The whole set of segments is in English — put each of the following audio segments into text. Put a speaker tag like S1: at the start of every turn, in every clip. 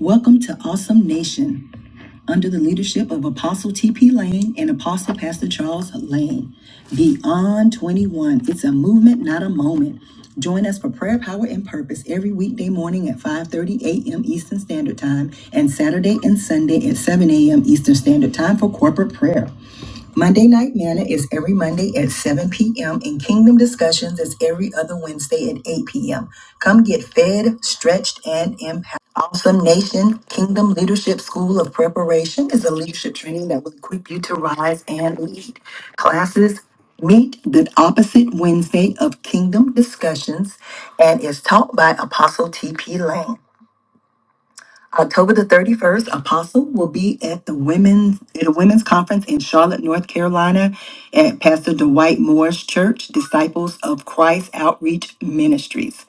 S1: Welcome to Awesome Nation under the leadership of Apostle T.P. Lane and Apostle Pastor Charles Lane. Beyond 21, it's a movement, not a moment. Join us for prayer, power, and purpose every weekday morning at 5:30 a.m. Eastern Standard Time and Saturday and Sunday at 7 a.m. Eastern Standard Time for corporate prayer. Monday Night Manna is every Monday at 7 p.m. and Kingdom Discussions is every other Wednesday at 8 p.m. Come get fed, stretched, and empowered. Awesome Nation Kingdom Leadership School of Preparation is a leadership training that will equip you to rise and lead. Classes meet the opposite Wednesday of Kingdom Discussions and is taught by Apostle T.P. Lane. October the 31st, Apostle will be at the women's at a women's conference in Charlotte, North Carolina at Pastor Dwight Moore's church, Disciples of Christ Outreach Ministries.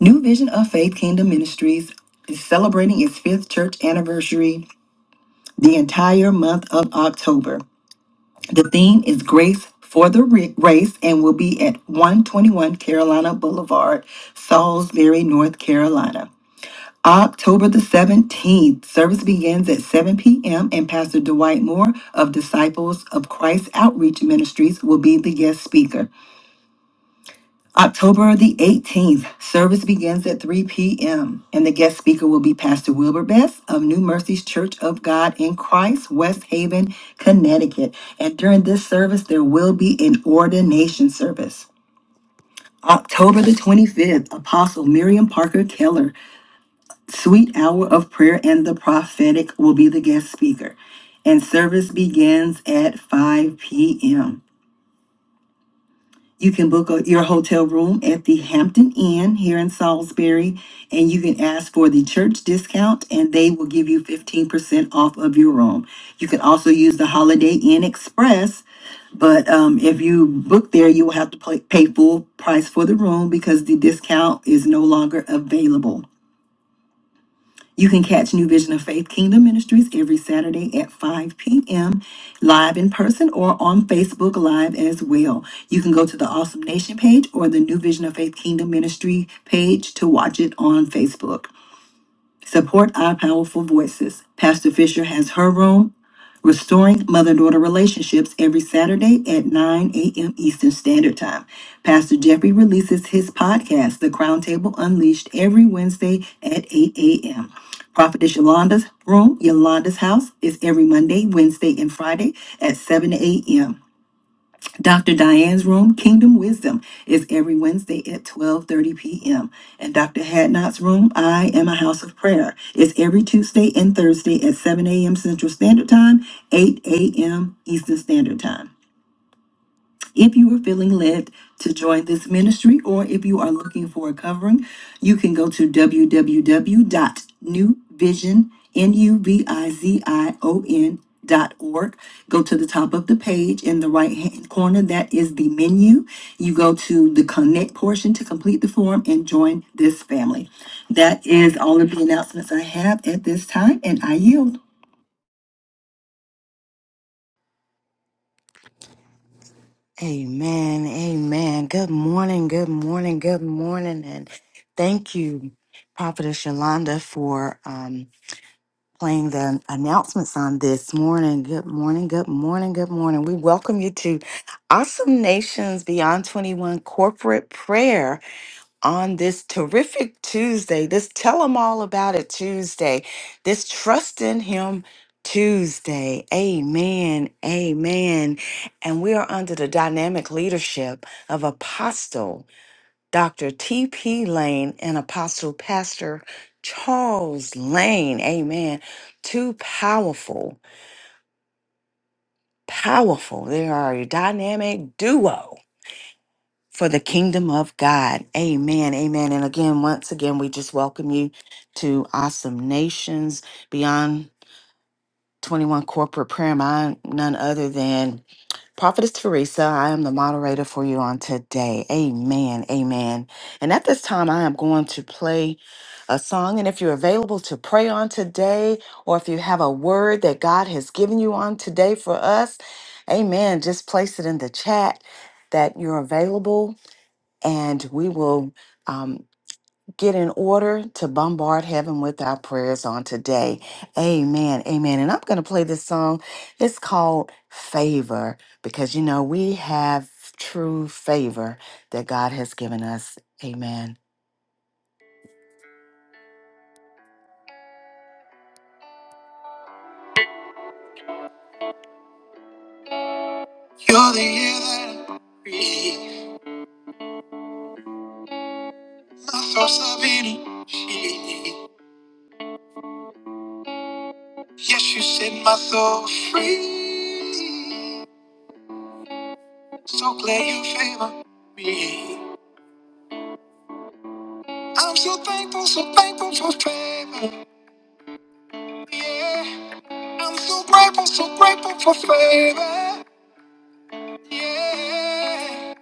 S1: New Vision of Faith Kingdom Ministries is celebrating its fifth church anniversary the entire month of October. The theme is Grace for the Ri- Race and will be at 121 Carolina Boulevard, Salisbury, North Carolina. October the 17th, service begins at 7 p.m. and Pastor Dwight Moore of Disciples of Christ Outreach Ministries will be the guest speaker. October the 18th, service begins at 3 p.m. and the guest speaker will be Pastor Wilbur Best of New Mercies Church of God in Christ, West Haven, Connecticut. And during this service, there will be an ordination service. October the 25th, Apostle Miriam Parker Keller Sweet Hour of Prayer and the Prophetic will be the guest speaker, and service begins at 5 p.m. You can book a- your hotel room at the Hampton Inn here in Salisbury, and you can ask for the church discount, and they will give you 15% off of your room. You can also use the Holiday Inn Express, but um, if you book there, you will have to pay, pay full price for the room because the discount is no longer available. You can catch New Vision of Faith Kingdom Ministries every Saturday at 5 p.m. live in person or on Facebook Live as well. You can go to the Awesome Nation page or the New Vision of Faith Kingdom Ministry page to watch it on Facebook. Support Our Powerful Voices. Pastor Fisher has her room, Restoring Mother Daughter Relationships, every Saturday at 9 a.m. Eastern Standard Time. Pastor Jeffrey releases his podcast, The Crown Table Unleashed, every Wednesday at 8 a.m. Prophetess Yolanda's room, Yolanda's house, is every Monday, Wednesday, and Friday at 7 a.m. Dr. Diane's room, Kingdom Wisdom, is every Wednesday at 12:30 p.m. And Dr. Hadnot's room, I Am a House of Prayer, is every Tuesday and Thursday at 7 a.m. Central Standard Time, 8 a.m. Eastern Standard Time. If you are feeling led to join this ministry or if you are looking for a covering, you can go to www.newvision, N-U-V-I-Z-I-O-N dot new vision n u v i z i o n dot org. Go to the top of the page in the right hand corner. That is the menu. You go to the connect portion to complete the form and join this family. That is all of the announcements I have at this time and I yield.
S2: Amen. Amen. Good morning. Good morning. Good morning. And thank you, Prophetess Yolanda, for um, playing the announcements on this morning. Good morning. Good morning. Good morning. We welcome you to Awesome Nations Beyond 21 Corporate Prayer on this terrific Tuesday, this Tell 'em All About It Tuesday, this Trust in Him Tuesday. Amen. Amen. And we are under the dynamic leadership of Apostle Dr. T.P. Lane and Apostle Pastor Charles Lane. Amen. Two powerful, powerful. They are a dynamic duo for the kingdom of God. Amen. Amen. And again, once again, we just welcome you to Awesome Nations Beyond 21 Corporate Prayer. And I'm none other than Prophetess Teresa. I am the moderator for you on today. Amen. Amen. And at this time, I am going to play a song. And if you're available to pray on today, or if you have a word that God has given you on today for us, amen, just place it in the chat that you're available and we will um, get in order to bombard heaven with our prayers on today. Amen. Amen. And I'm going to play this song. It's called Favor because, you know, we have true favor that God has given us. Amen. You're the year that I breathe. My thoughts are beating. Yes, you set my soul free. So glad you favor me. I'm so thankful, so thankful for favor. Yeah. I'm so grateful, so grateful for favor. Yeah.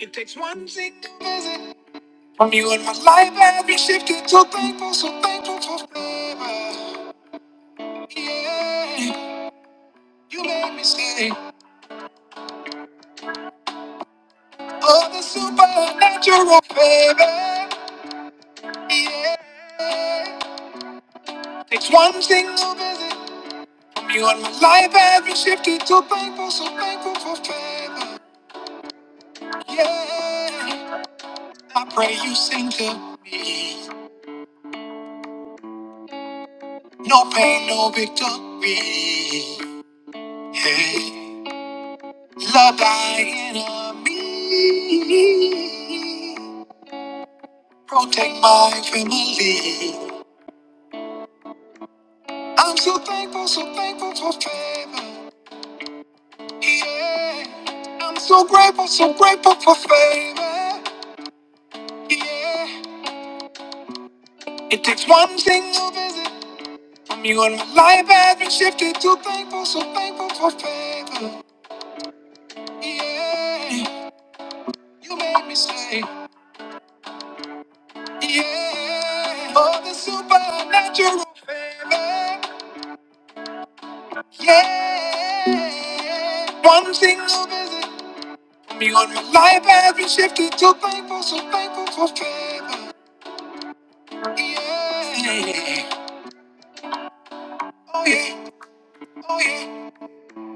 S2: It takes one single visit from you and my life has been shifted. So thankful, so thankful for favor. Yeah. You made me see all the supernatural favor. Yeah. Takes one single visit from you and my life has been shifted. So thankful, so thankful for favor. Yeah, I pray you sing to me. No pain, no victory. Hey, love thy enemy. Protect my family. I'm so thankful, so thankful for favor. Yeah, I'm so grateful, so grateful for favor. Yeah, it takes one single visit from you and my life has been shifted. So thankful, so thankful for favor. Yeah, you made me say, yeah, for the supernatural favor. Yeah, one single visit me on my life has been shifted to thankful, so thankful for favor. Yeah, oh yeah, oh yeah,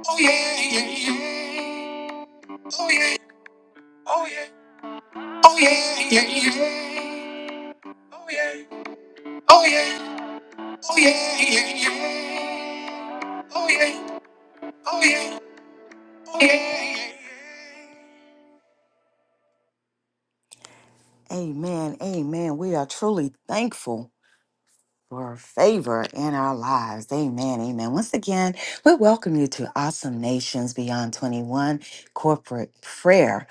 S2: oh yeah, yeah, yeah, oh yeah, oh yeah, oh yeah, yeah, yeah, oh yeah, oh yeah, oh yeah, yeah, yeah. Oh yeah. Oh yeah. Oh yeah. yeah, yeah. Amen. Amen. We are truly thankful. for favor in our lives. Amen. Amen. Once again, we welcome you to Awesome Nations Beyond 21 Corporate Prayer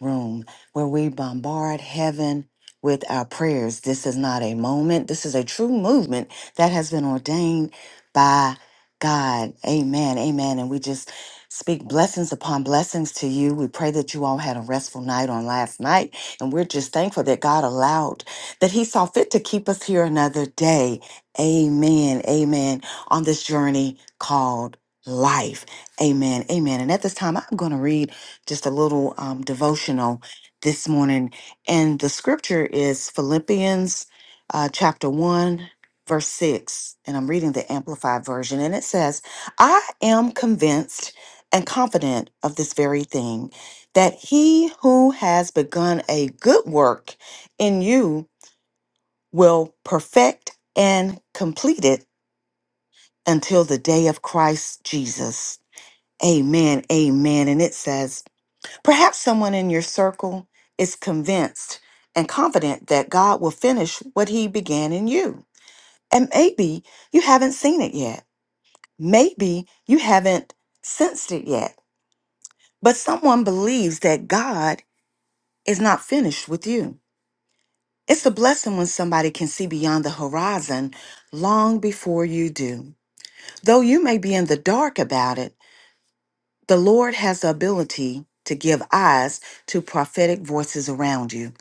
S2: Room, where we bombard heaven with our prayers. This is not a moment, this is a true movement that has been ordained by God. Amen. Amen. And we just speak blessings upon blessings to you. We pray that you all had a restful night on last night. And we're just thankful that God allowed that He saw fit to keep us here another day. Amen. Amen. On this journey called life. Amen. Amen. And at this time, I'm going to read just a little um, devotional this morning. And the scripture is Philippians uh, chapter 1, verse 6. And I'm reading the Amplified version. And it says, I am convinced and confident of this very thing that he who has begun a good work in you will perfect and complete it until the day of Christ Jesus. Amen. Amen. And it says, perhaps someone in your circle is convinced and confident that God will finish what he began in you. And maybe you haven't seen it yet. Maybe you haven't sensed it yet. But someone believes that God is not finished with you. It's a blessing when somebody can see beyond the horizon long before you do. Though you may be in the dark about it, The Lord has the ability to give eyes to prophetic voices around you.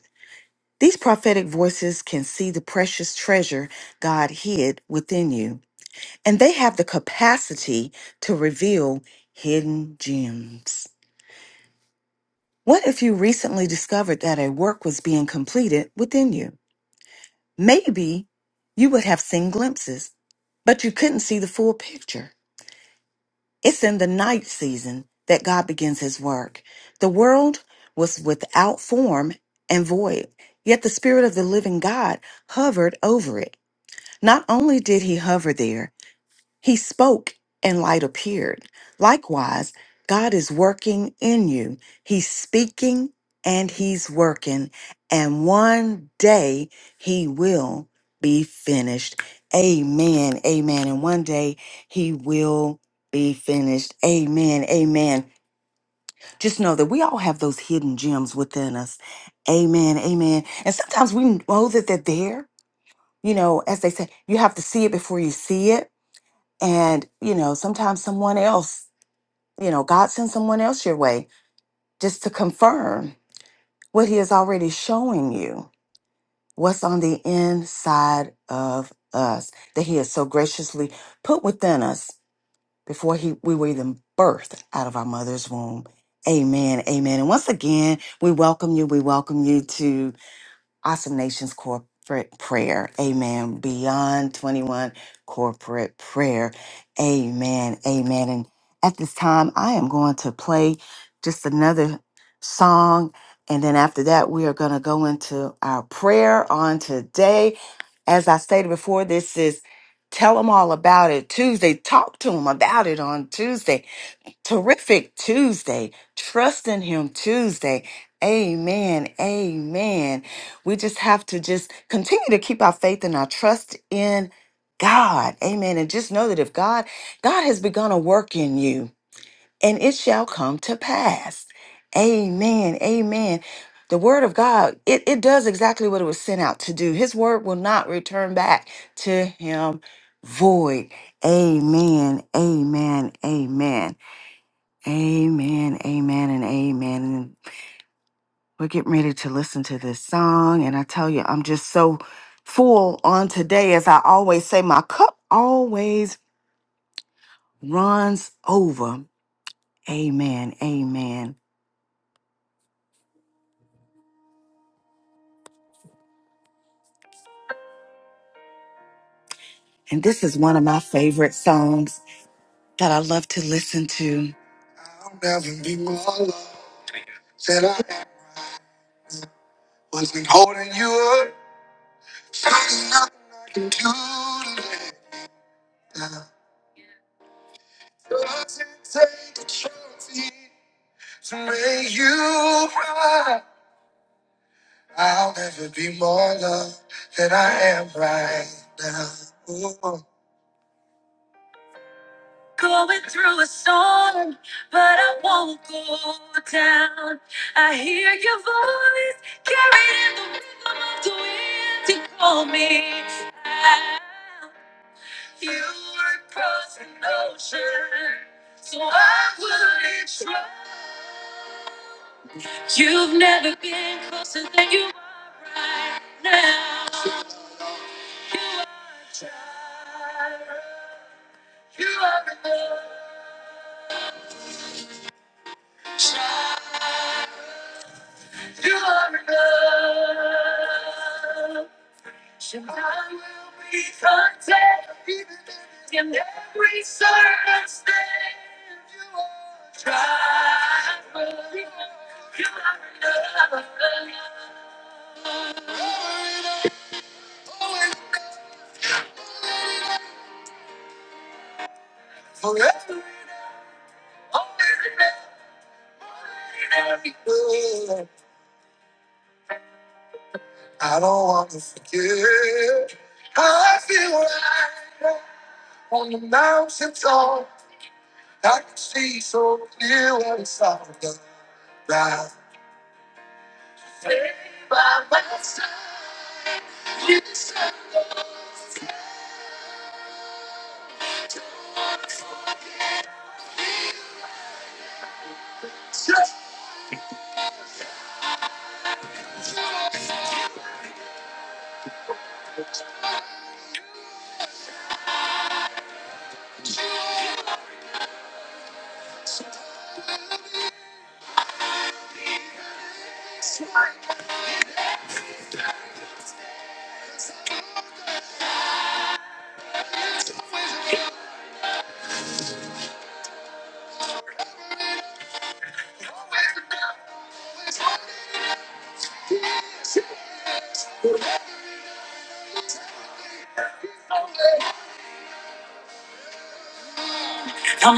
S2: These prophetic voices can see the precious treasure God hid within you, and they have the capacity to reveal hidden gems. What if you recently discovered that a work was being completed within you? Maybe you would have seen glimpses, but you couldn't see the full picture. It's in the night season that God begins his work. The world was without form and void, yet the Spirit of the living God hovered over it. Not only did he hover there, he spoke, and light appeared. Likewise, God is working in you. He's speaking and He's working. And one day He will be finished. Amen. Amen. And one day He will be finished. Amen. Amen. Just know that we all have those hidden gems within us. Amen. Amen. And sometimes we know that they're there. You know, as they say, you have to see it before you see it and, you know, sometimes someone else, you know, God sends someone else your way just to confirm what He is already showing you, what's on the inside of us, that He has so graciously put within us before he, we were even birthed out of our mother's womb. Amen. Amen. And once again, we welcome you. We welcome you to Awesome Nations Corporate Prayer. Amen. Beyond 21 Corporate Prayer. Amen. Amen. And at this time, I am going to play just another song. And then after that, we are going to go into our prayer on today. As I stated before, this is Tell Them All About It Tuesday. Talk to them about it on Tuesday. Terrific Tuesday. Trust in Him Tuesday. Amen. Amen. We just have to just continue to keep our faith and our trust in God. Amen. And just know that if God, God has begun a work in you and it shall come to pass. Amen. Amen. The word of God, it, it does exactly what it was sent out to do. His word will not return back to him void. Amen. Amen. Amen. Amen, amen, and amen. And we're getting ready to listen to this song. And I tell you, I'm just so full on today. As I always say, my cup always runs over. Amen, amen. And this is one of my favorite songs that I love to listen to. I'll never be more loved than I am. wasn't holding you up. There's nothing I can do to let you down. Doesn't take a trophy. The way you ride, I'll never be more loved than I am right now. Ooh. Call me out. You would cross an ocean, so I wouldn't try. You've never been closer than you are right now. Try. You are in love. Try. And I will be content in every circumstance. You are triumphant. You are enough. Always enough. Always enough. I don't want to forget how I feel right now. on the mountain top. I can see so clear what it's all about. I'm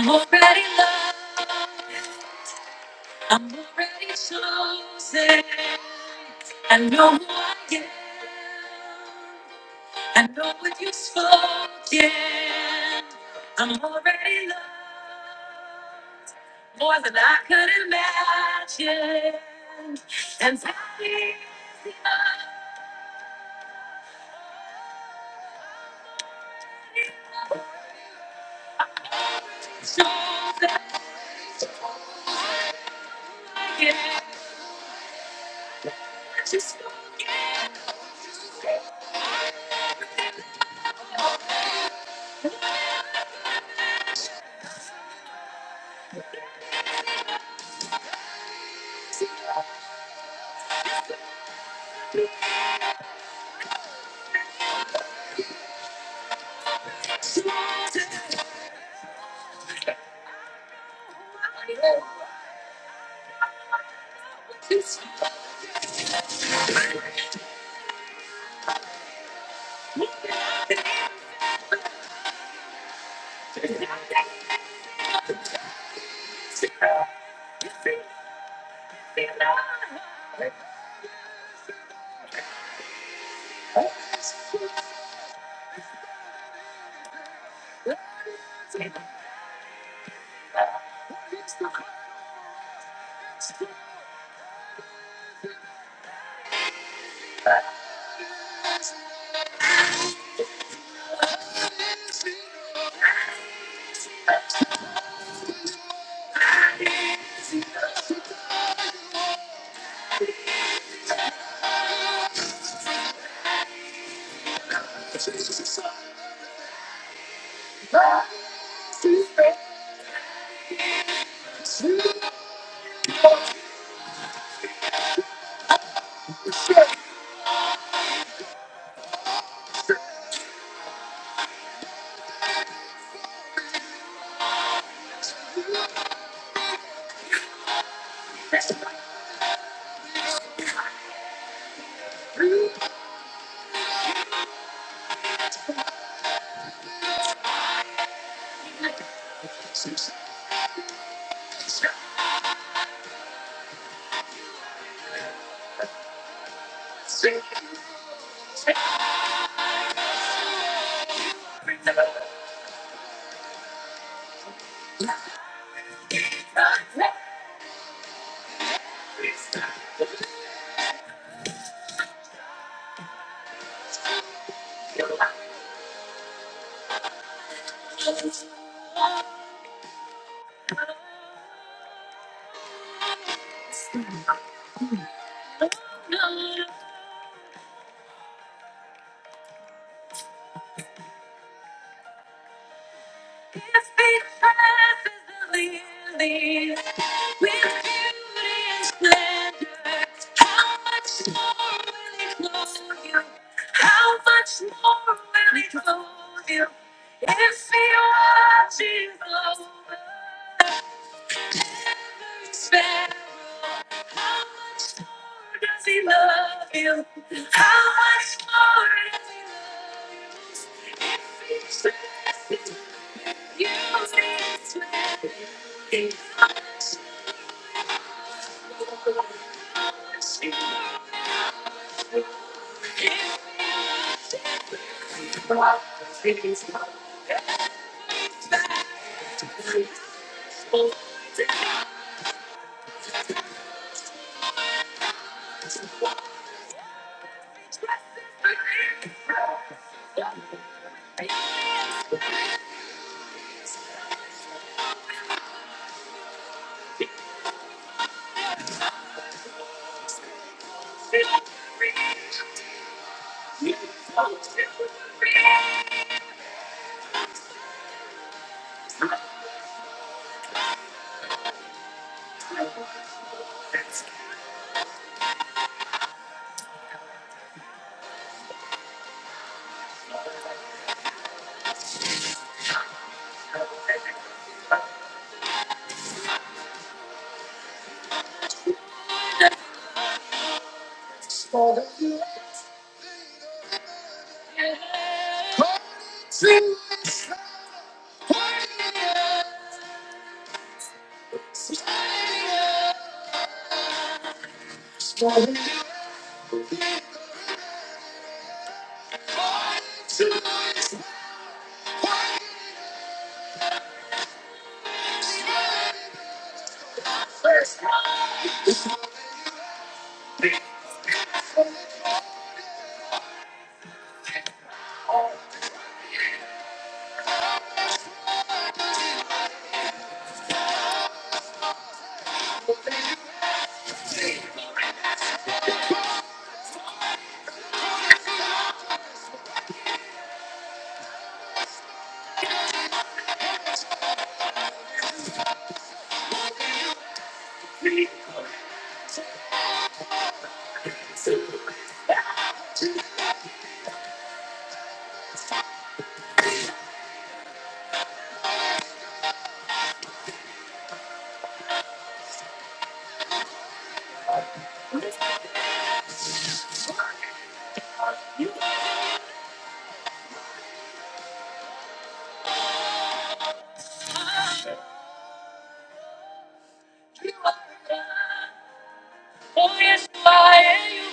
S2: already loved. I'm already chosen. I know who I am. I know what you've spoken. I'm already loved more than I could imagine. And I is the chosen. If He dresses the lilies with beauty and splendor, how much more will He clothe you? How much more will He clothe you if He watches over every sparrow? How much more does He love you? How much more does He love you if He dresses? Oh, yes, you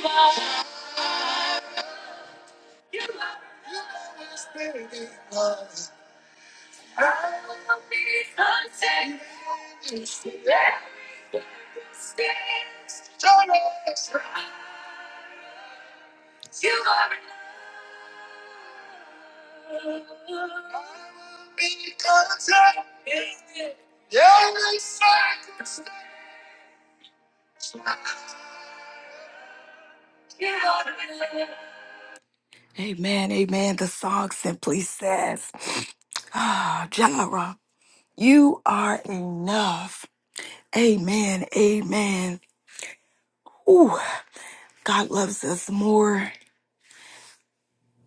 S2: are. You are. You are. Amen, amen. The song simply says, Ah, Jireh, you are enough. Amen, amen. Ooh, God loves us more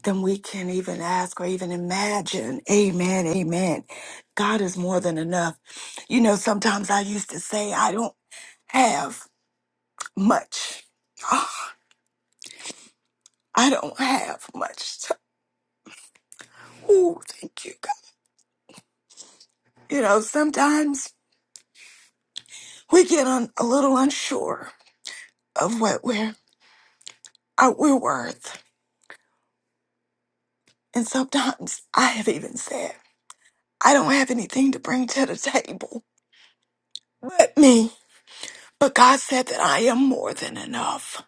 S2: than we can even ask or even imagine. Amen. Amen. God is more than enough. You know, sometimes I used to say, I don't have much. I don't have much. So, Ooh, thank you, God. You know, sometimes we get un- a little unsure of what we're, uh, we're worth. And sometimes I have even said, I don't have anything to bring to the table but me. But God said that I am more than enough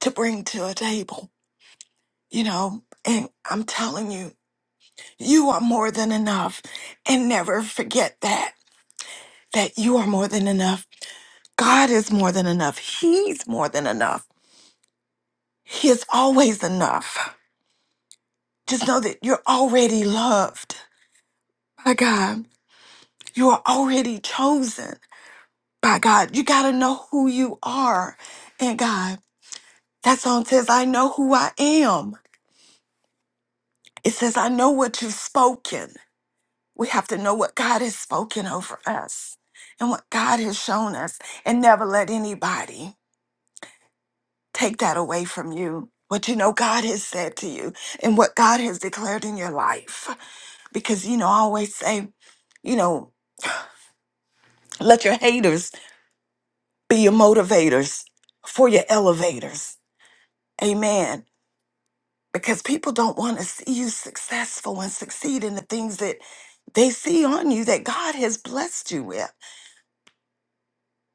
S2: to bring to a table, you know, and I'm telling you, you are more than enough. And never forget that, that you are more than enough. God is more than enough. He's more than enough. He is always enough. Just know that you're already loved by God. You are already chosen by God. You got to know who you are in God. That song says, I know who I am. It says, I know what you've spoken. We have to know what God has spoken over us and what God has shown us, and never let anybody take that away from you. What you know God has said to you and what God has declared in your life. Because, you know, I always say, you know, let your haters be your motivators for your elevators. Amen. Because people don't want to see you successful and succeed in the things that they see on you that God has blessed you with.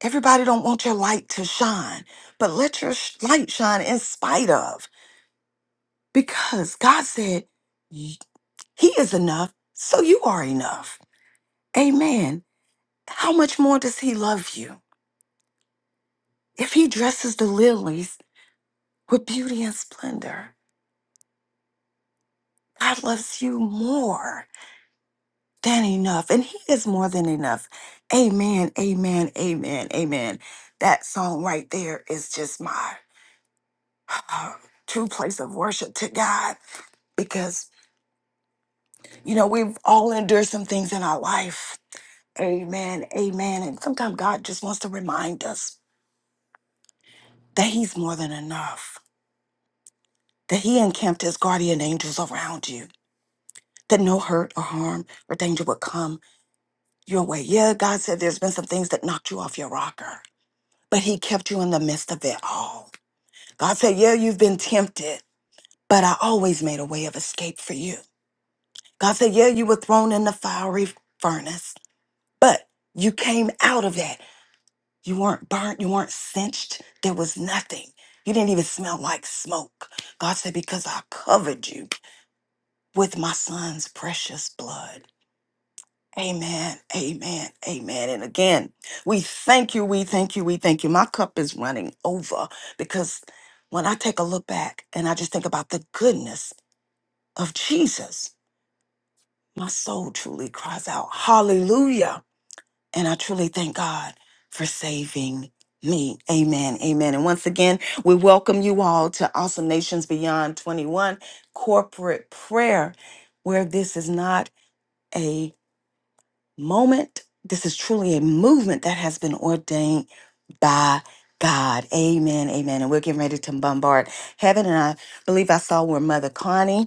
S2: Everybody don't want your light to shine, but let your sh- light shine in spite of because God said y- he is enough, so you are enough. Amen. How much more does he love you? If he dresses the lilies with beauty and splendor, God loves you more than enough, and he is more than enough. Amen. Amen. Amen. Amen. That song right there is just my true place of worship to God because You know, we've all endured some things in our life. Amen. Amen. And sometimes God just wants to remind us that He's more than enough, that He encamped His guardian angels around you, that no hurt or harm or danger would come your way. Yeah, God said there's been some things that knocked you off your rocker, but He kept you in the midst of it all. God said, Yeah, you've been tempted, but I always made a way of escape for you. God said, Yeah, you were thrown in the fiery furnace, but you came out of that You weren't burnt. You weren't cinched. There was nothing. You didn't even smell like smoke. God said, Because I covered you with my son's precious blood. Amen. Amen. Amen. And again, we thank you. We thank you. We thank you. My cup is running over because when I take a look back and I just think about the goodness of Jesus, my soul truly cries out, Hallelujah. And I truly thank God for saving me. Amen. Amen. And once again, we welcome you all to Awesome Nations Beyond 21 corporate prayer, where this is not a moment. This is truly a movement that has been ordained by God. Amen. Amen. And we're getting ready to bombard heaven. And I believe I saw where Mother Connie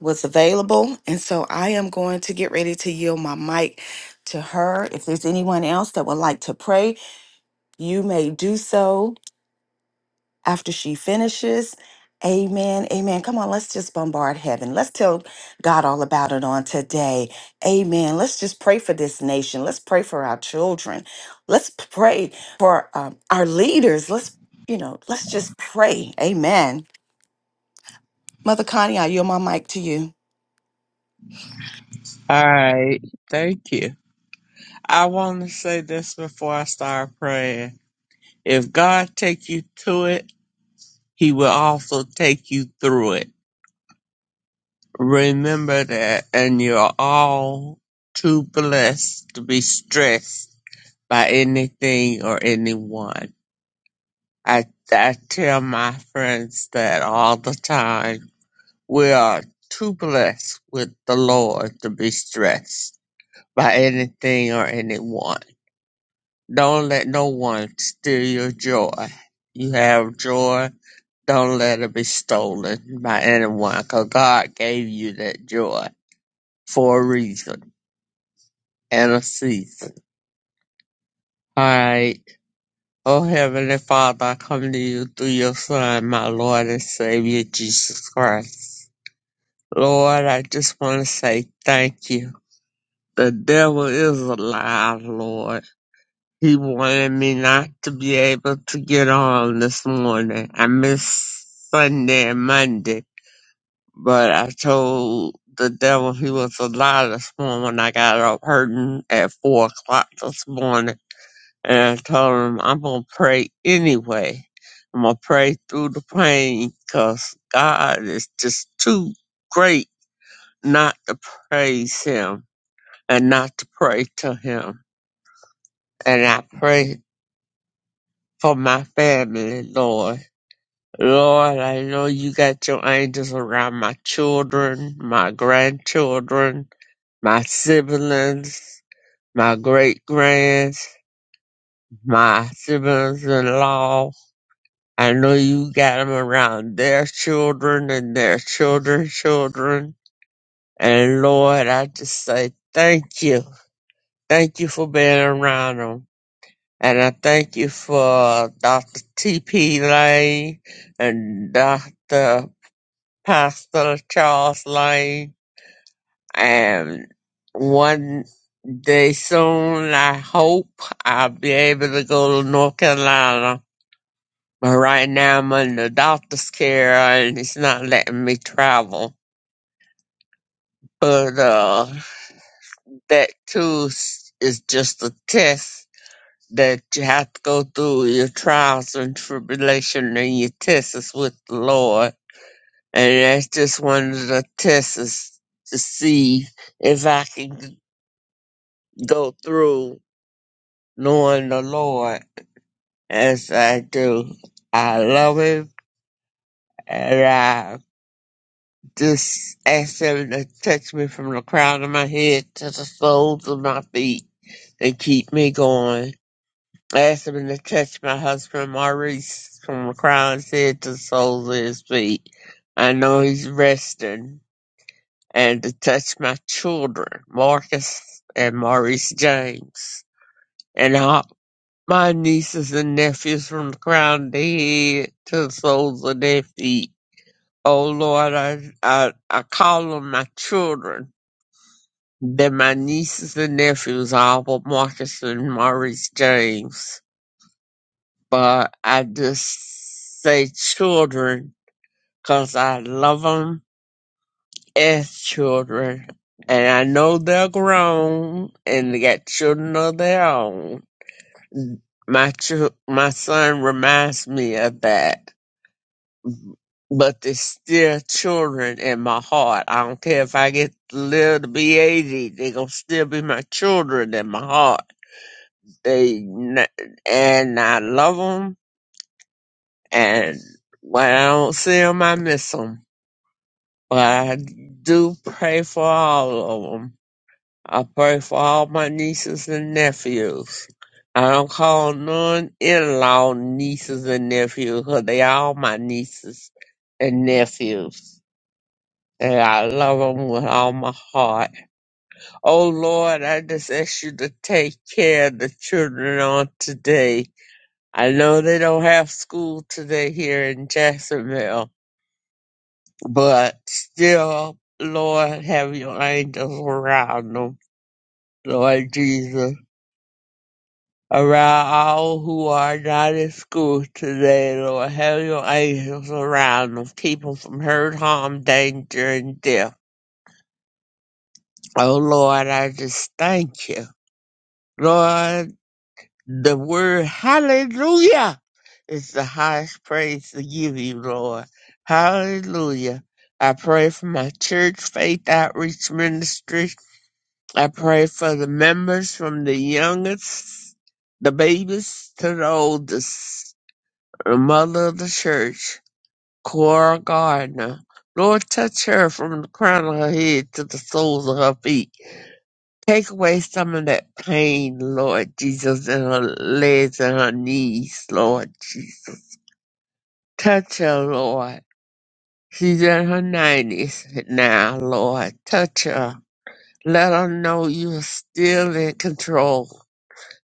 S2: was available. And so I am going to get ready to yield my mic to her. If there's anyone else that would like to pray, you may do so after she finishes. Amen. Amen. Come on, let's just bombard heaven. Let's tell God all about it on today. Amen. Let's just pray for this nation. Let's pray for our children. Let's pray for um, our leaders. Let's, you know, let's just pray. Amen. Mother Connie, I yield my mic to you.
S3: All right, thank you. I want to say this before I start praying. If God take you to it, He will also take you through it. Remember that, and you're all too blessed to be stressed by anything or anyone. I I tell my friends that all the time. We are too blessed with the Lord to be stressed by anything or anyone Don't let no one steal your joy. You have joy. Don't let it be stolen by anyone, 'cause God gave you that joy for a reason and a season. Alright. Oh Heavenly Father, I come to you through your Son, my Lord and Savior, Jesus Christ. Lord, I just want to say thank you. The devil is alive, Lord. He wanted me not to be able to get on this morning. I missed Sunday and Monday, but I told the devil he was a lie this morning when I got up hurting at four o'clock this morning. And I told him I'm gonna pray anyway. I'm gonna pray through the pain because God is just too great not to praise Him and not to pray to Him. And I prayed for my family, Lord. Lord, I know you got your angels around my children, my grandchildren, my siblings, my great grands, my siblings in law. I know you got them around their children and their children's children. And Lord, I just say thank you. Thank you for being around them, And I thank you for Dr. T.P. Lane and Dr. Pastor Charles Lane, and one day soon, I hope I'll be able to go to North Carolina. But right now, I'm under doctor's care, and it's not letting me travel. But uh, that too is is just a test that you have to go through your trials and tribulation, and your test is with the Lord, and that's just one of the tests is to see if I can. go through knowing the Lord as I do. I love Him and I just ask Him to touch me from the crown of my head to the soles of my feet and keep me going. I ask Him to touch my husband Maurice from the crown of his head to the soles of his feet. I know he's resting and to touch my children, Marcus and Maurice James. and I. My nieces and nephews from the crown of the head to the soles of their feet. Oh Lord, I, I, I call them my children. They're my nieces and nephews, all but Marcus and Maurice James. But I just say children 'cause I love 'em as children. And I know they're grown and they got children of their own. My, ch- my son reminds me of that but they're still children in my heart. I don't care if I get to live to be 80, they're going to still be my children in my heart. They n- And I love them, and when I don't see them, I miss them. But I do pray for all of them. I pray for all my nieces and nephews. I don't call none in-law nieces and nephews, 'cause they all my nieces and nephews. and I love them with all my heart. Oh Lord, I just ask you to take care of the children on today. I know they don't have school today here in Jacksonville, but still, Lord, have your angels around them, Lord Jesus. Around all who are not in school today, Lord, have your angels around them. Keep them from hurt, harm, danger, and death. Oh Lord, I just thank you. Lord, The word hallelujah is the highest praise to give you, Lord. Hallelujah. I pray for my church, Faith Outreach Ministry. I pray for the members from the youngest, the babies to the oldest, the mother of the church, Cora Gardner. Lord, touch her from the crown of her head to the soles of her feet. Take away some of that pain, Lord Jesus, in her legs and her knees, Lord Jesus. Touch her, Lord. She's in her 90s now, Lord. Touch her. Let her know you're still in control.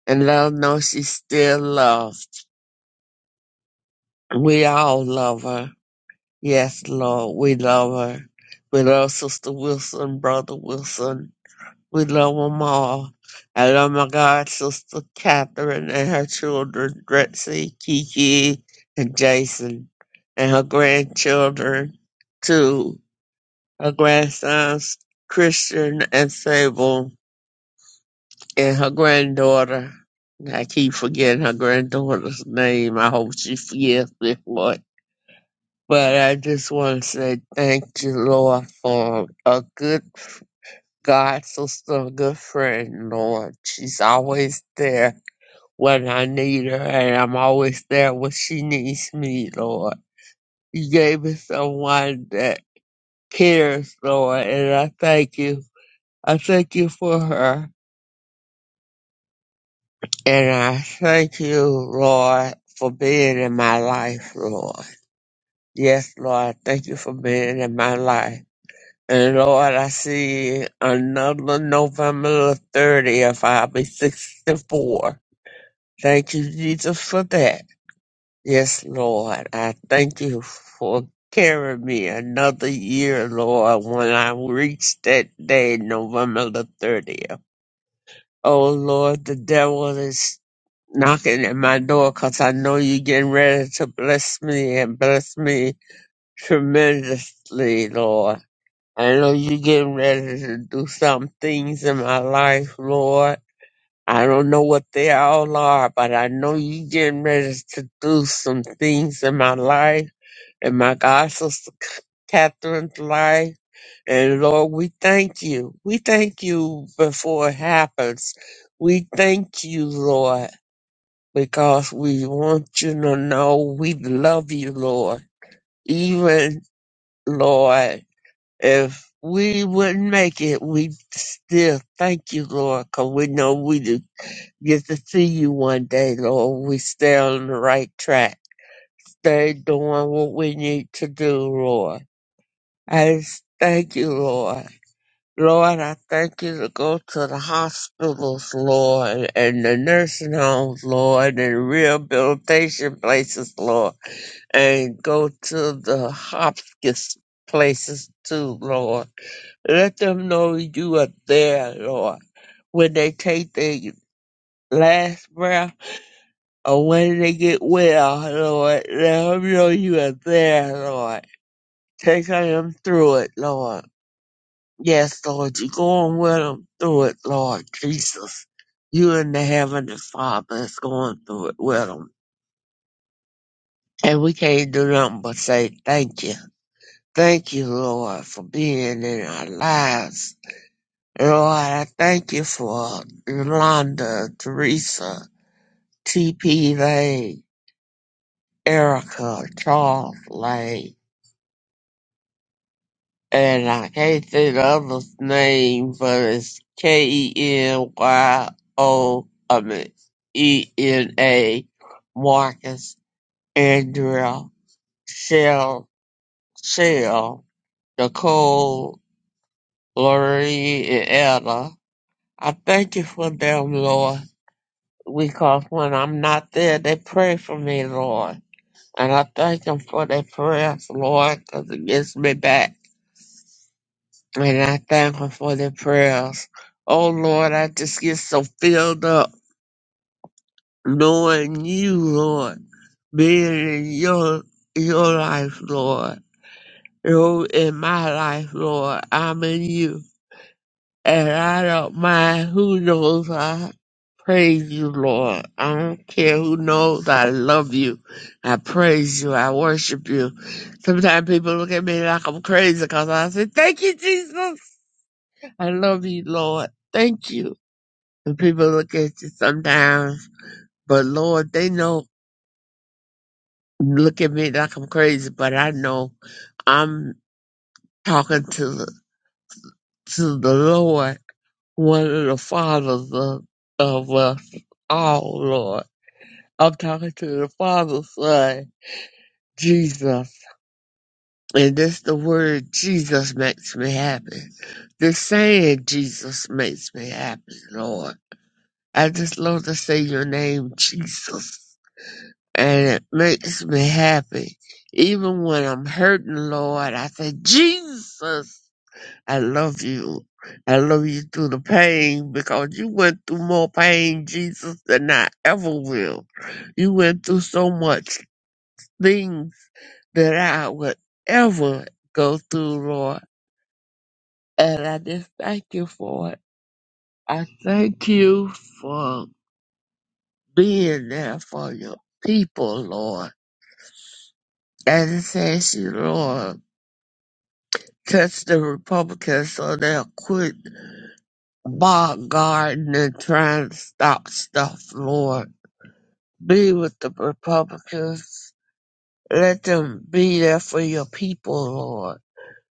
S3: And let her know she's still loved. We all love her. Yes, Lord, we love her. We love Sister Wilson, Brother Wilson. We love them all. I love my god sister Catherine and her children, Drexy, Kiki, and Jason, and her grandchildren, too. Her grandsons, Christian and Sable, and her granddaughter. I keep forgetting her granddaughter's name. I hope she forgets me for it. But I just want to say thank you, Lord, for a good God's just a good friend, Lord. She's always there when I need her, and I'm always there when she needs me, Lord. You gave me someone that cares, Lord, and I thank you. I thank you for her, and I thank you, Lord, for being in my life, Lord. Yes, Lord, thank you for being in my life. And Lord, I see another November the 30th, I'll be 64 Thank you, Jesus, for that. Yes, Lord, I thank you for carrying me another year, Lord, when I reached that day, November the 30th. Oh, Lord, the devil is knocking at my door, cause I know you're getting ready to bless me and bless me tremendously, Lord. I know you're getting ready to do some things in my life, Lord. I don't know what they all are, but I know you getting ready to do some things in my life, in my God sister C- Catherine's life. And Lord, we thank you. We thank you before it happens. We thank you, Lord, because we want you to know we love you, Lord. Even, Lord, if we wouldn't make it, we still thank you, Lord, because we know we do get to see you one day, Lord. We stay on the right track. Stay doing what we need to do, Lord. I just thank you, Lord. Lord, I thank you to go to the hospitals, Lord, and the nursing homes, Lord, and the rehabilitation places, Lord, and go to the hospice places too, Lord. Let them know you are there, Lord. When they take their last breath, And when they get well, Lord, let them know you are there, Lord. Take them through it, Lord. Yes, Lord, you're going with them through it, Lord Jesus. You and the Heavenly Father is going through it with them. And we can't do nothing but say thank you. Thank you, Lord, for being in our lives. Lord, I thank you for Yolanda, Teresa, T.P. Lane, Erica, Charles Lane. and I hate the other's name, but it's K E N Y O, I mean E N A, Marcus, Andrea, Shell, Shell, Nicole, Lorraine, and Ella. I thank you for them, Lord, because when I'm not there, they pray for me, Lord. And I thank them for their prayers, Lord, because it gets me back. And I thank him for the prayers. Oh Lord, I just get so filled up knowing you, Lord, being in your your life, Lord. You in my life, Lord. I'm in you. And I don't mind who knows I praise you, Lord. I don't care who knows I love you. I praise you. I worship you. Sometimes people look at me like I'm crazy because I say, Thank you, Jesus. I love you, Lord. Thank you. And people look at you sometimes, but Lord, they know, look at me like I'm crazy, but I know I'm talking to the, to the Lord, one of the fathers of, of us all, Lord. I'm talking to the Father, Son, Jesus. And this the word Jesus makes me happy. The saying Jesus makes me happy, Lord. I just love to say your name, Jesus. and it makes me happy. Even when I'm hurting, Lord, I say, Jesus, I love you. I love you through the pain because you went through more pain, Jesus, than I ever will. You went through so much things that I would ever go through, Lord. And I just thank you for it. I thank you for being there for your people, Lord. And it says you, Lord. catch the Republicans, so they'll quit bombarding and trying to stop stuff, Lord. Be with the Republicans. Let them be there for your people, Lord.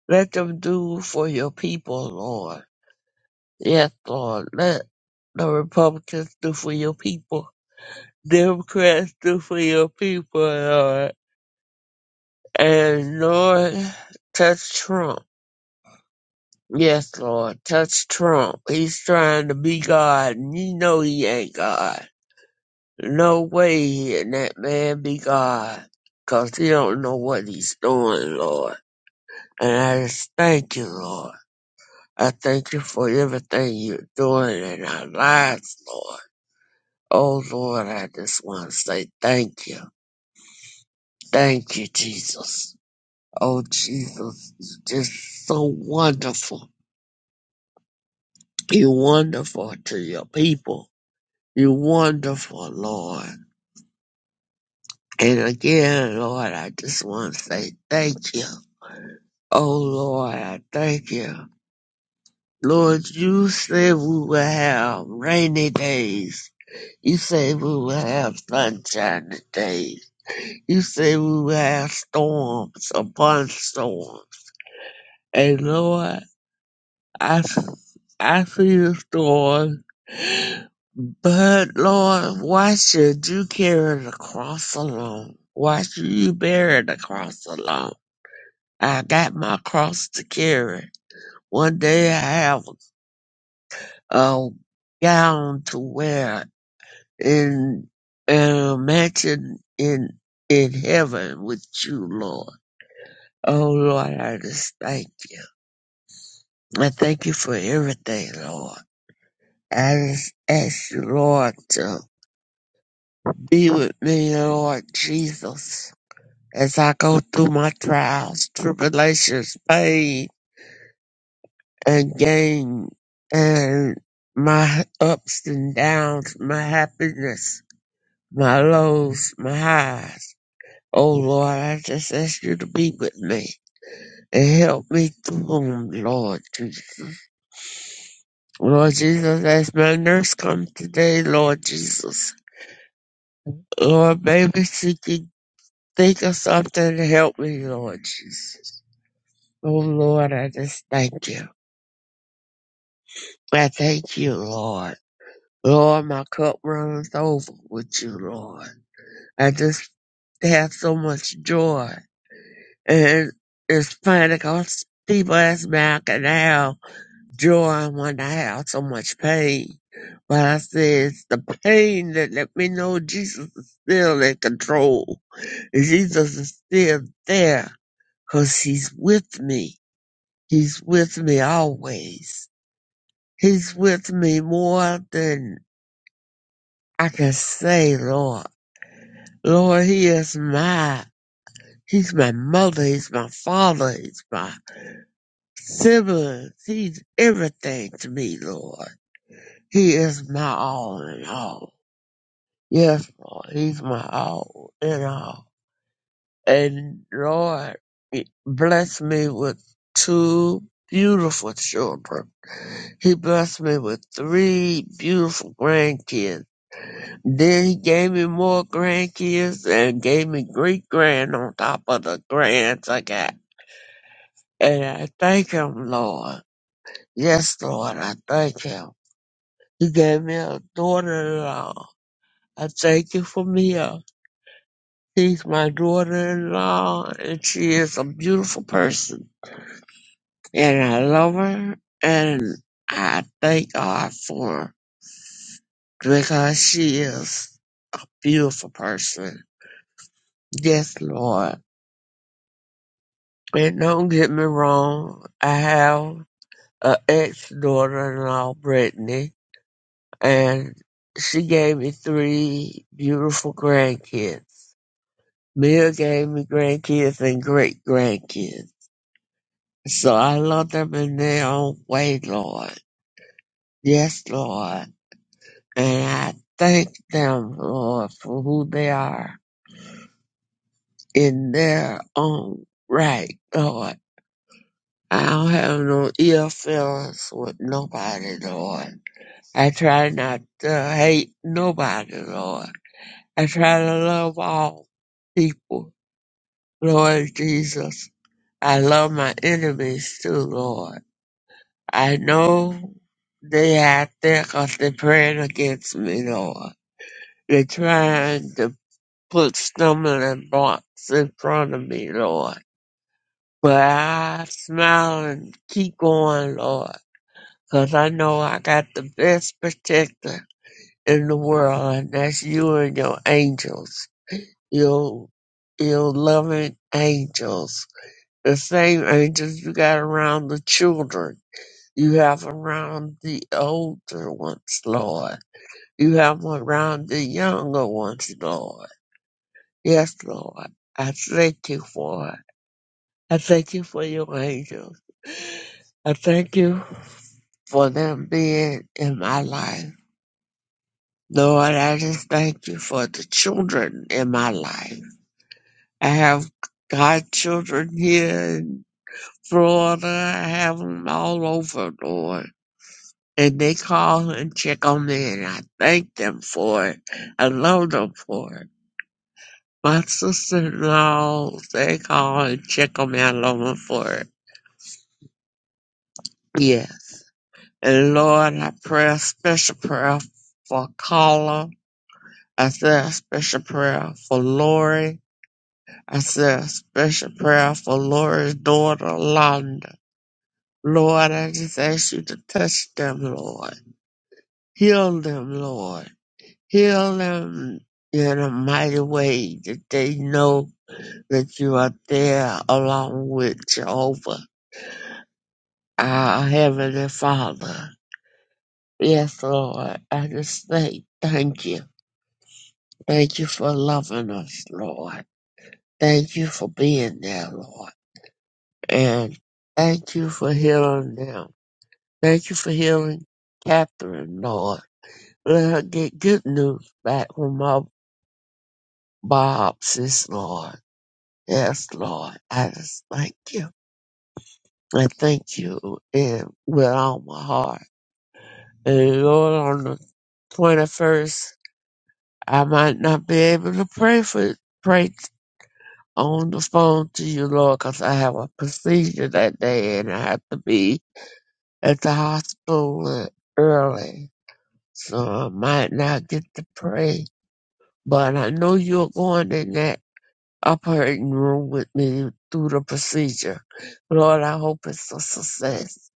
S3: Let them do for your people, Lord. Yes, Lord. Let the Republicans do for your people. Democrats do for your people, Lord. And Lord, touch Trump. Yes, Lord. Touch Trump. He's trying to be God, and you know he ain't God. No way he and that man be God, 'cause he don't know what he's doing, Lord. And I just thank you, Lord. I thank you for everything you're doing in our lives, Lord. Oh, Lord, I just want to say thank you. Thank you, Jesus. Oh, Jesus, you're just so wonderful. You're wonderful to your people You're wonderful, Lord. And again, Lord, I just want to say thank you. Oh, Lord, I thank you. Lord, you said we will have rainy days. You said we will have sunshiny days. You said we will have storms upon storms. And Lord, I I feel Lord, but Lord, why should you carry the cross alone? Why should you bear the cross alone? I got my cross to carry. One day I have a gown to wear in, in a mansion in in heaven with you, Lord. Oh Lord, I just thank you. I thank you for everything, Lord. I just ask you, Lord, to be with me, Lord Jesus, as I go through my trials, tribulations, pain, and gain, and my ups and downs, my happiness, my lows, my highs. Oh Lord, I just ask you to be with me and help me through 'em, Lord Jesus. Lord Jesus, as my nurse come today, Lord Jesus. Lord, baby, she can Think of something to help me, Lord Jesus. Oh Lord, I just thank you. I thank you, Lord. Lord, my cup runs over with you, Lord. I just have so much joy. And it's funny because people ask me how I can have joy when I have so much pain. But I say it's the pain that let me know Jesus is still in control. Jesus is still there because he's with me He's with me always. He's with me more than I can say, Lord. Lord, He is my, He's my mother, He's my father, He's my siblings, He's everything to me, Lord. He is my all in all. Yes, Lord, He's my all in all. and Lord blessed me with two beautiful children. He blessed me with three beautiful grandkids. Then he gave me more grandkids and gave me great grand on top of the grands I got. And I thank him, Lord. Yes, Lord, I thank him. He gave me a daughter-in-law. I thank you for Mia. She's my daughter-in-law, and she is a beautiful person and I love her, and I thank God for her because she is a beautiful person. Yes, Lord. And don't get me wrong, I have an ex daughter in law, Brittany, and she gave me three beautiful grandkids. Mia gave me grandkids and great grandkids. So I love them in their own way, Lord. Yes, Lord. And I thank them, Lord, for who they are in their own right, Lord. I don't have no ill feelings with nobody, Lord. I try not to hate nobody, Lord. I try to love all people, Lord Jesus. I love my enemies too, Lord. I know they out there 'cause they're praying against me, Lord. They're trying to put stumbling blocks in front of me, Lord. But I smile and keep going, Lord, 'cause I know I got the best protector in the world, and that's you and your angels, your, your loving angels. The same angels you got around the children, you have around the older ones, Lord. You have around the younger ones, Lord. Yes, Lord. I thank you for it. I thank you for your angels. I thank you for them being in my life. Lord, I just thank you for the children in my life. I have godchildren here in Florida. I have them all over, Lord. And they call and check on me, and I thank them for it. I love them for it. My sister in laws, they call and check on me. I love them for it. Yes. And Lord, I pray a special prayer for Carla. I said a special prayer for Lori. I said a special prayer for Lori's daughter, Londa. Lord, I just ask you to touch them, Lord. Heal them, Lord. Heal them in a mighty way that they know that you are there along with Jehovah, our Heavenly Father. Yes, Lord. I just say thank you. Thank you for loving us, Lord. Thank you for being there, Lord. And thank you for healing them. Thank you for healing Catherine, Lord. Let her get good news back from her biopsies, Lord. Yes, Lord. I just thank you. I thank you in, with all my heart. And Lord, on the 21st, I might not be able to pray for, pray on the phone to you, Lord, 'cause I have a procedure that day and I have to be at the hospital early. So I might not get to pray. But I know you're going in that operating room with me through the procedure. Lord, I hope it's a success.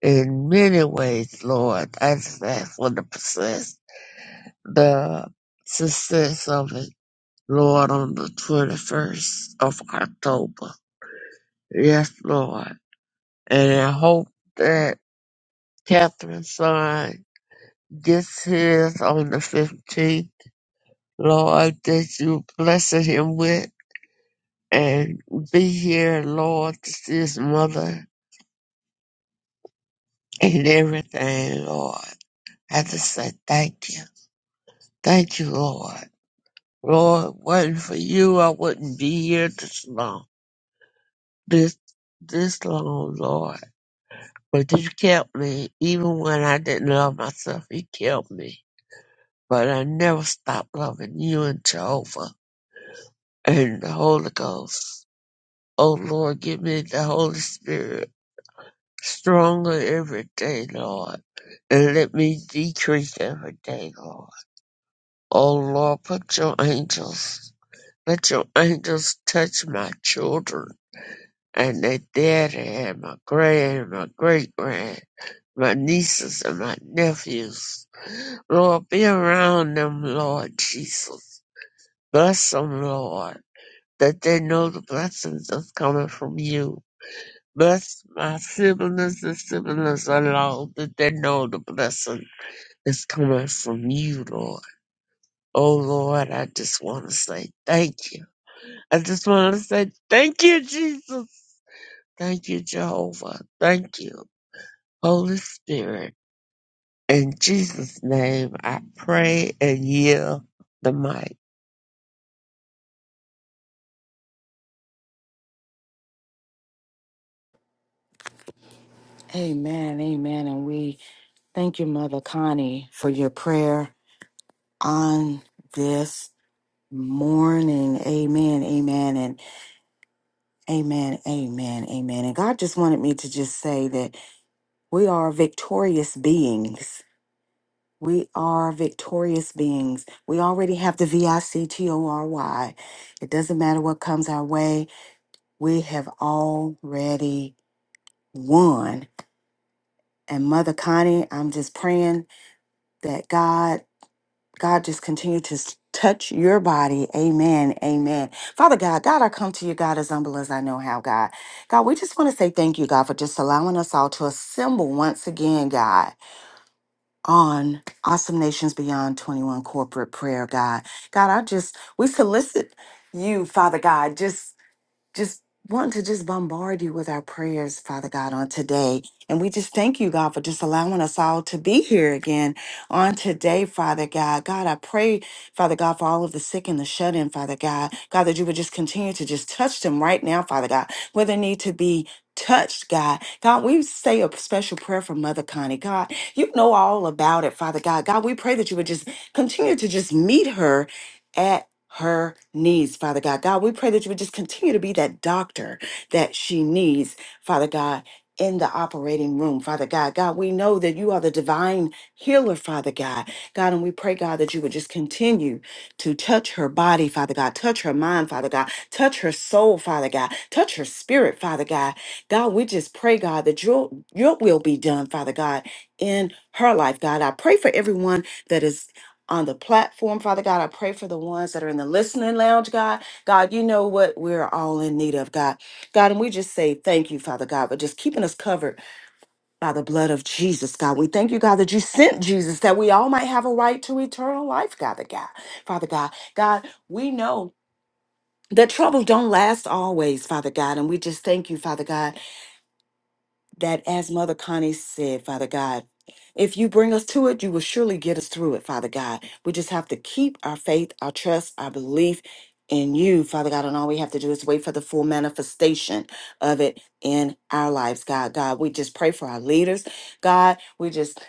S3: In many ways, Lord, I just ask for the success, the success of it, Lord, on the 21st of October. Yes, Lord. and I hope that Catherine's son gets his on the 15th. Lord, that you blessed him with and be here, Lord, to see his mother and everything, Lord. I just say thank you. Thank you, Lord. Lord, wasn't for you, I wouldn't be here this long. This, this long, Lord. But you kept me, even when I didn't love myself, you kept me. but I never stop loving you and Jehovah and the Holy Ghost. Oh Lord, give me the Holy Spirit stronger every day, Lord, and let me decrease every day, Lord. Oh Lord, put your angels, let your angels touch my children and their daddy and my grand and my great grand, my nieces and my nephews. Lord, be around them, Lord Jesus. Bless them, Lord that they know the blessings that's coming from you. Bless my siblings and siblings alone that they know the blessing is coming from you, Lord. Oh Lord, I just want to say thank you. I just want to say thank you, Jesus. Thank you, Jehovah. Thank you, Holy Spirit. In Jesus' name, I pray and yield the mic.
S2: Amen, amen. And we Thank you, Mother Connie, for your prayer on this morning. Amen, amen, and amen, amen, amen. And God just wanted me to just say that we are victorious beings. We are victorious beings. We already have the V I C T O R Y. It doesn't matter what comes our way, we have already won. And Mother Connie, I'm just praying that God God, just continue to s- touch your body. Amen. Amen. Father God, God, I come to you, God, as humble as I know how, God. God, we just want to say thank you, God, for just allowing us all to assemble once again, God, on Awesome Nations Beyond 21 corporate prayer, God. God, I just, we solicit you, Father God, just just want to just bombard you with our prayers, Father God, on today. And we just thank you, God, for just allowing us all to be here again on today, Father God. God, I pray, Father God, for all of the sick and the shut in, Father God. God, that you would just continue to just touch them right now, Father God, where they need to be touched, God. God, we say a special prayer for Mother Connie. God, you know all about it, Father God. God, we pray that you would just continue to just meet her her needs, Father God. God, we pray that you would just continue to be that doctor that she needs, Father God, in the operating room, Father God. God, we know that you are the divine healer, Father God. God, and we pray, God, that you would just continue to touch her body, Father God, touch her mind, Father God, touch her soul, Father God, touch her spirit, Father God. God, we just pray, God, that your your will be done, Father God, in her life, God. I pray for everyone that is on the platform, Father God. I pray for the ones that are in the listening lounge, God. God, you know what we're all in need of, God. God, and we just say thank you, Father God, for just keeping us covered by the blood of Jesus, God. We thank you, God, that you sent Jesus, that we all might have a right to eternal life, God, the God. Father God, God, we know. That troubles don't last always, Father God. And we just thank you, Father God that as Mother Connie said, Father God, if you bring us to it, you will surely get us through it, Father God. We just have to keep our faith, our trust, our belief in you, Father God. And all we have to do is wait for the full manifestation of it in our lives, God. God, we just pray for our leaders, God. We just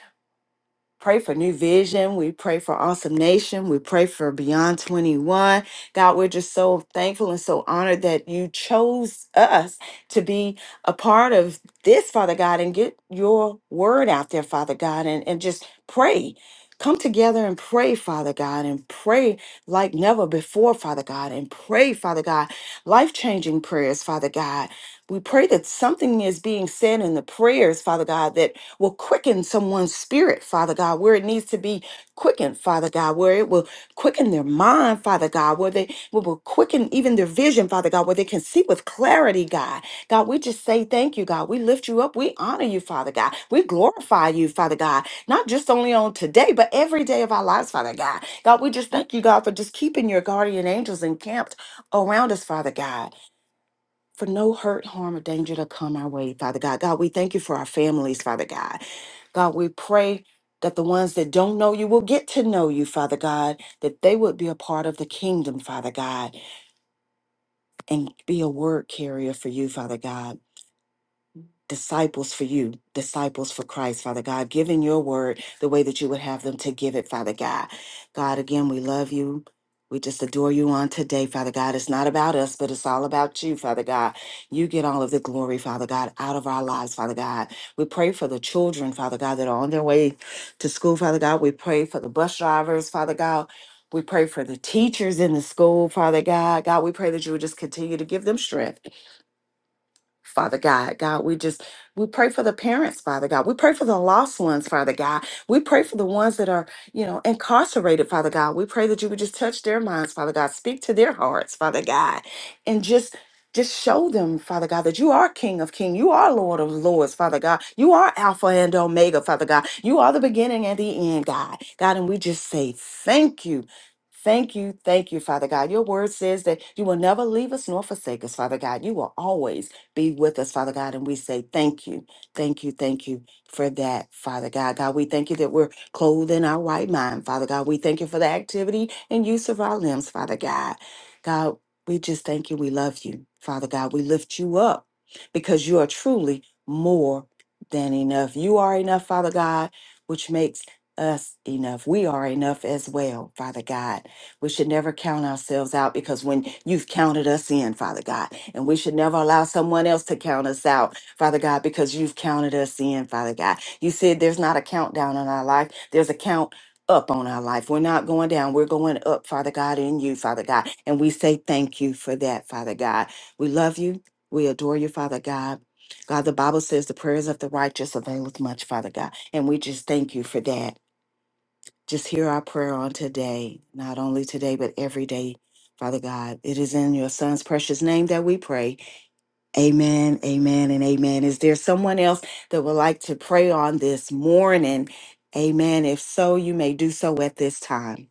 S2: pray for New Vision. We pray for Awesome Nation. We pray for Beyond 21. God, we're just so thankful and so honored that you chose us to be a part of this, Father God, and get your word out there, Father God, and, and just pray. Come together and pray, Father God, and pray like never before, Father God, and pray, Father God, life changing prayers, Father God. We pray that something is being said in the prayers, Father God, that will quicken someone's spirit, Father God, where it needs to be quickened, Father God, where it will quicken their mind, Father God, where they will will quicken even their vision, Father God, where they can see with clarity, God. God, we just say thank you, God. We lift you up. We honor you, Father God. We glorify you, Father God, not just only on today, but every day of our lives, Father God. God, we just thank you, God, for just keeping your guardian angels encamped around us, Father God for no hurt, harm, or danger to come our way, Father God. God, we thank you for our families, Father God. God, we pray that the ones that don't know you will get to know you, Father God, that they would be a part of the kingdom, Father God, and be a word carrier for you, Father God disciples for you, disciples for Christ, Father God, giving your word the way that you would have them to give it, Father God. God, again, we love you. We just adore you on today, Father God. It's not about us, but it's all about you, Father God. You get all of the glory, Father God, out of our lives, Father God. We pray for the children, Father God, that are on their way to school, Father God. We pray for the bus drivers, Father God. We pray for the teachers in the school, Father God. God, we pray that you would just continue to give them strength. Father God. God, we just, we pray for the parents, Father God. We pray for the lost ones, Father God. We pray for the ones that are, you know, incarcerated, Father God. We pray that you would just touch their minds, Father God. Speak to their hearts, Father God. And just, just show them, Father God, that you are King of Kings. You are Lord of Lords, Father God. You are Alpha and Omega, Father God. You are the beginning and the end, God. God, and we just say thank you. Thank you, thank you, Father God. Your word says that you will never leave us nor forsake us, Father God. You will always be with us, Father God. And we say thank you, thank you, thank you for that, Father God. God, we thank you that we're clothed in our right mind, Father God. We thank you for the activity and use of our limbs, Father God. God, we just thank you. We love you, Father God. We lift you up because you are truly more than enough. You are enough, Father God, which makes us enough. We are enough as well, Father God. We should never count ourselves out because when you've counted us in, Father God, and we should never allow someone else to count us out, Father God, because you've counted us in, Father God. You said there's not a countdown on our life, there's a count. Up on our life. We're not going down. We're going up, Father God, in you, Father God. And we say thank you for that, Father God. We love you. We adore you, Father God. God, the Bible says the prayers of the righteous availeth much, Father God. And we just thank you for that. Just hear our prayer on today, not only today, but every day, Father God. It is in your Son's precious name that we pray. Amen, amen, and amen. Is there someone else that would like to pray on this morning? Amen. If so, you may do so at this time.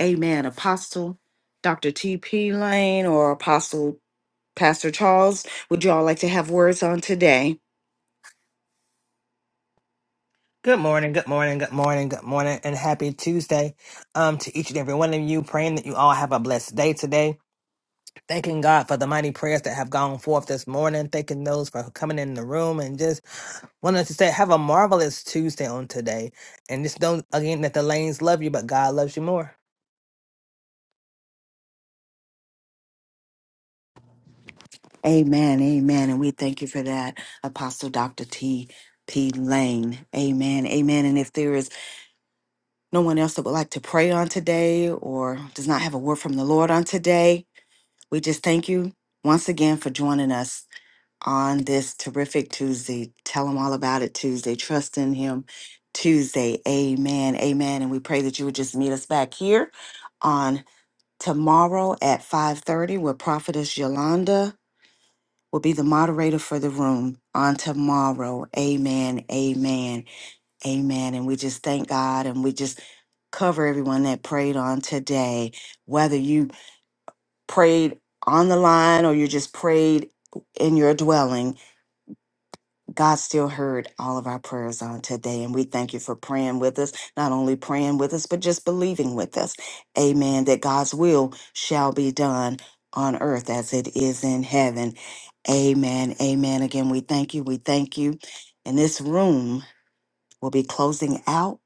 S2: Amen. Apostle Dr. T.P. Lane or Apostle Pastor Charles, would you all like to have words on today?
S4: Good morning, good morning, good morning, good morning, and happy Tuesday um, to each and every one of you. Praying that you all have a blessed day today. Thanking God for the mighty prayers that have gone forth this morning. Thanking those for coming in the room and just wanted to say, have a marvelous Tuesday on today. And just don't, again, that the lanes love you, but God loves you more.
S2: Amen, amen. And we thank you for that, Apostle Dr. T. P. Lane. Amen, amen. And if there is no one else that would like to pray on today or does not have a word from the Lord on today, we just thank you once again for joining us on this terrific Tuesday. Tell them all about it Tuesday. Trust in Him Tuesday. Amen, amen. And we pray that you would just meet us back here on tomorrow at 5.30 with prophetess yolanda will be the moderator for the room on tomorrow. Amen. Amen. Amen. And we just thank God and we just cover everyone that prayed on today, whether you prayed on the line or you just prayed in your dwelling God still heard all of our prayers on today, and we thank you for praying with us, not only praying with us, but just believing with us. Amen. That God's will shall be done on earth as it is in heaven. Amen. Amen. Again, we thank you. We thank you. And this room will be closing out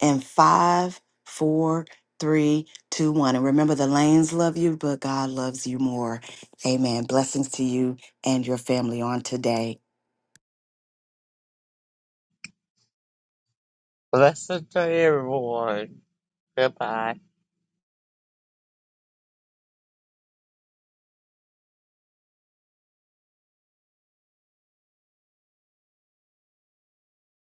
S2: in five, four, three, two, one. And remember, the lanes love you, but God loves you more. Amen. Blessings to you and your family on today.
S3: Blessed to everyone. Goodbye.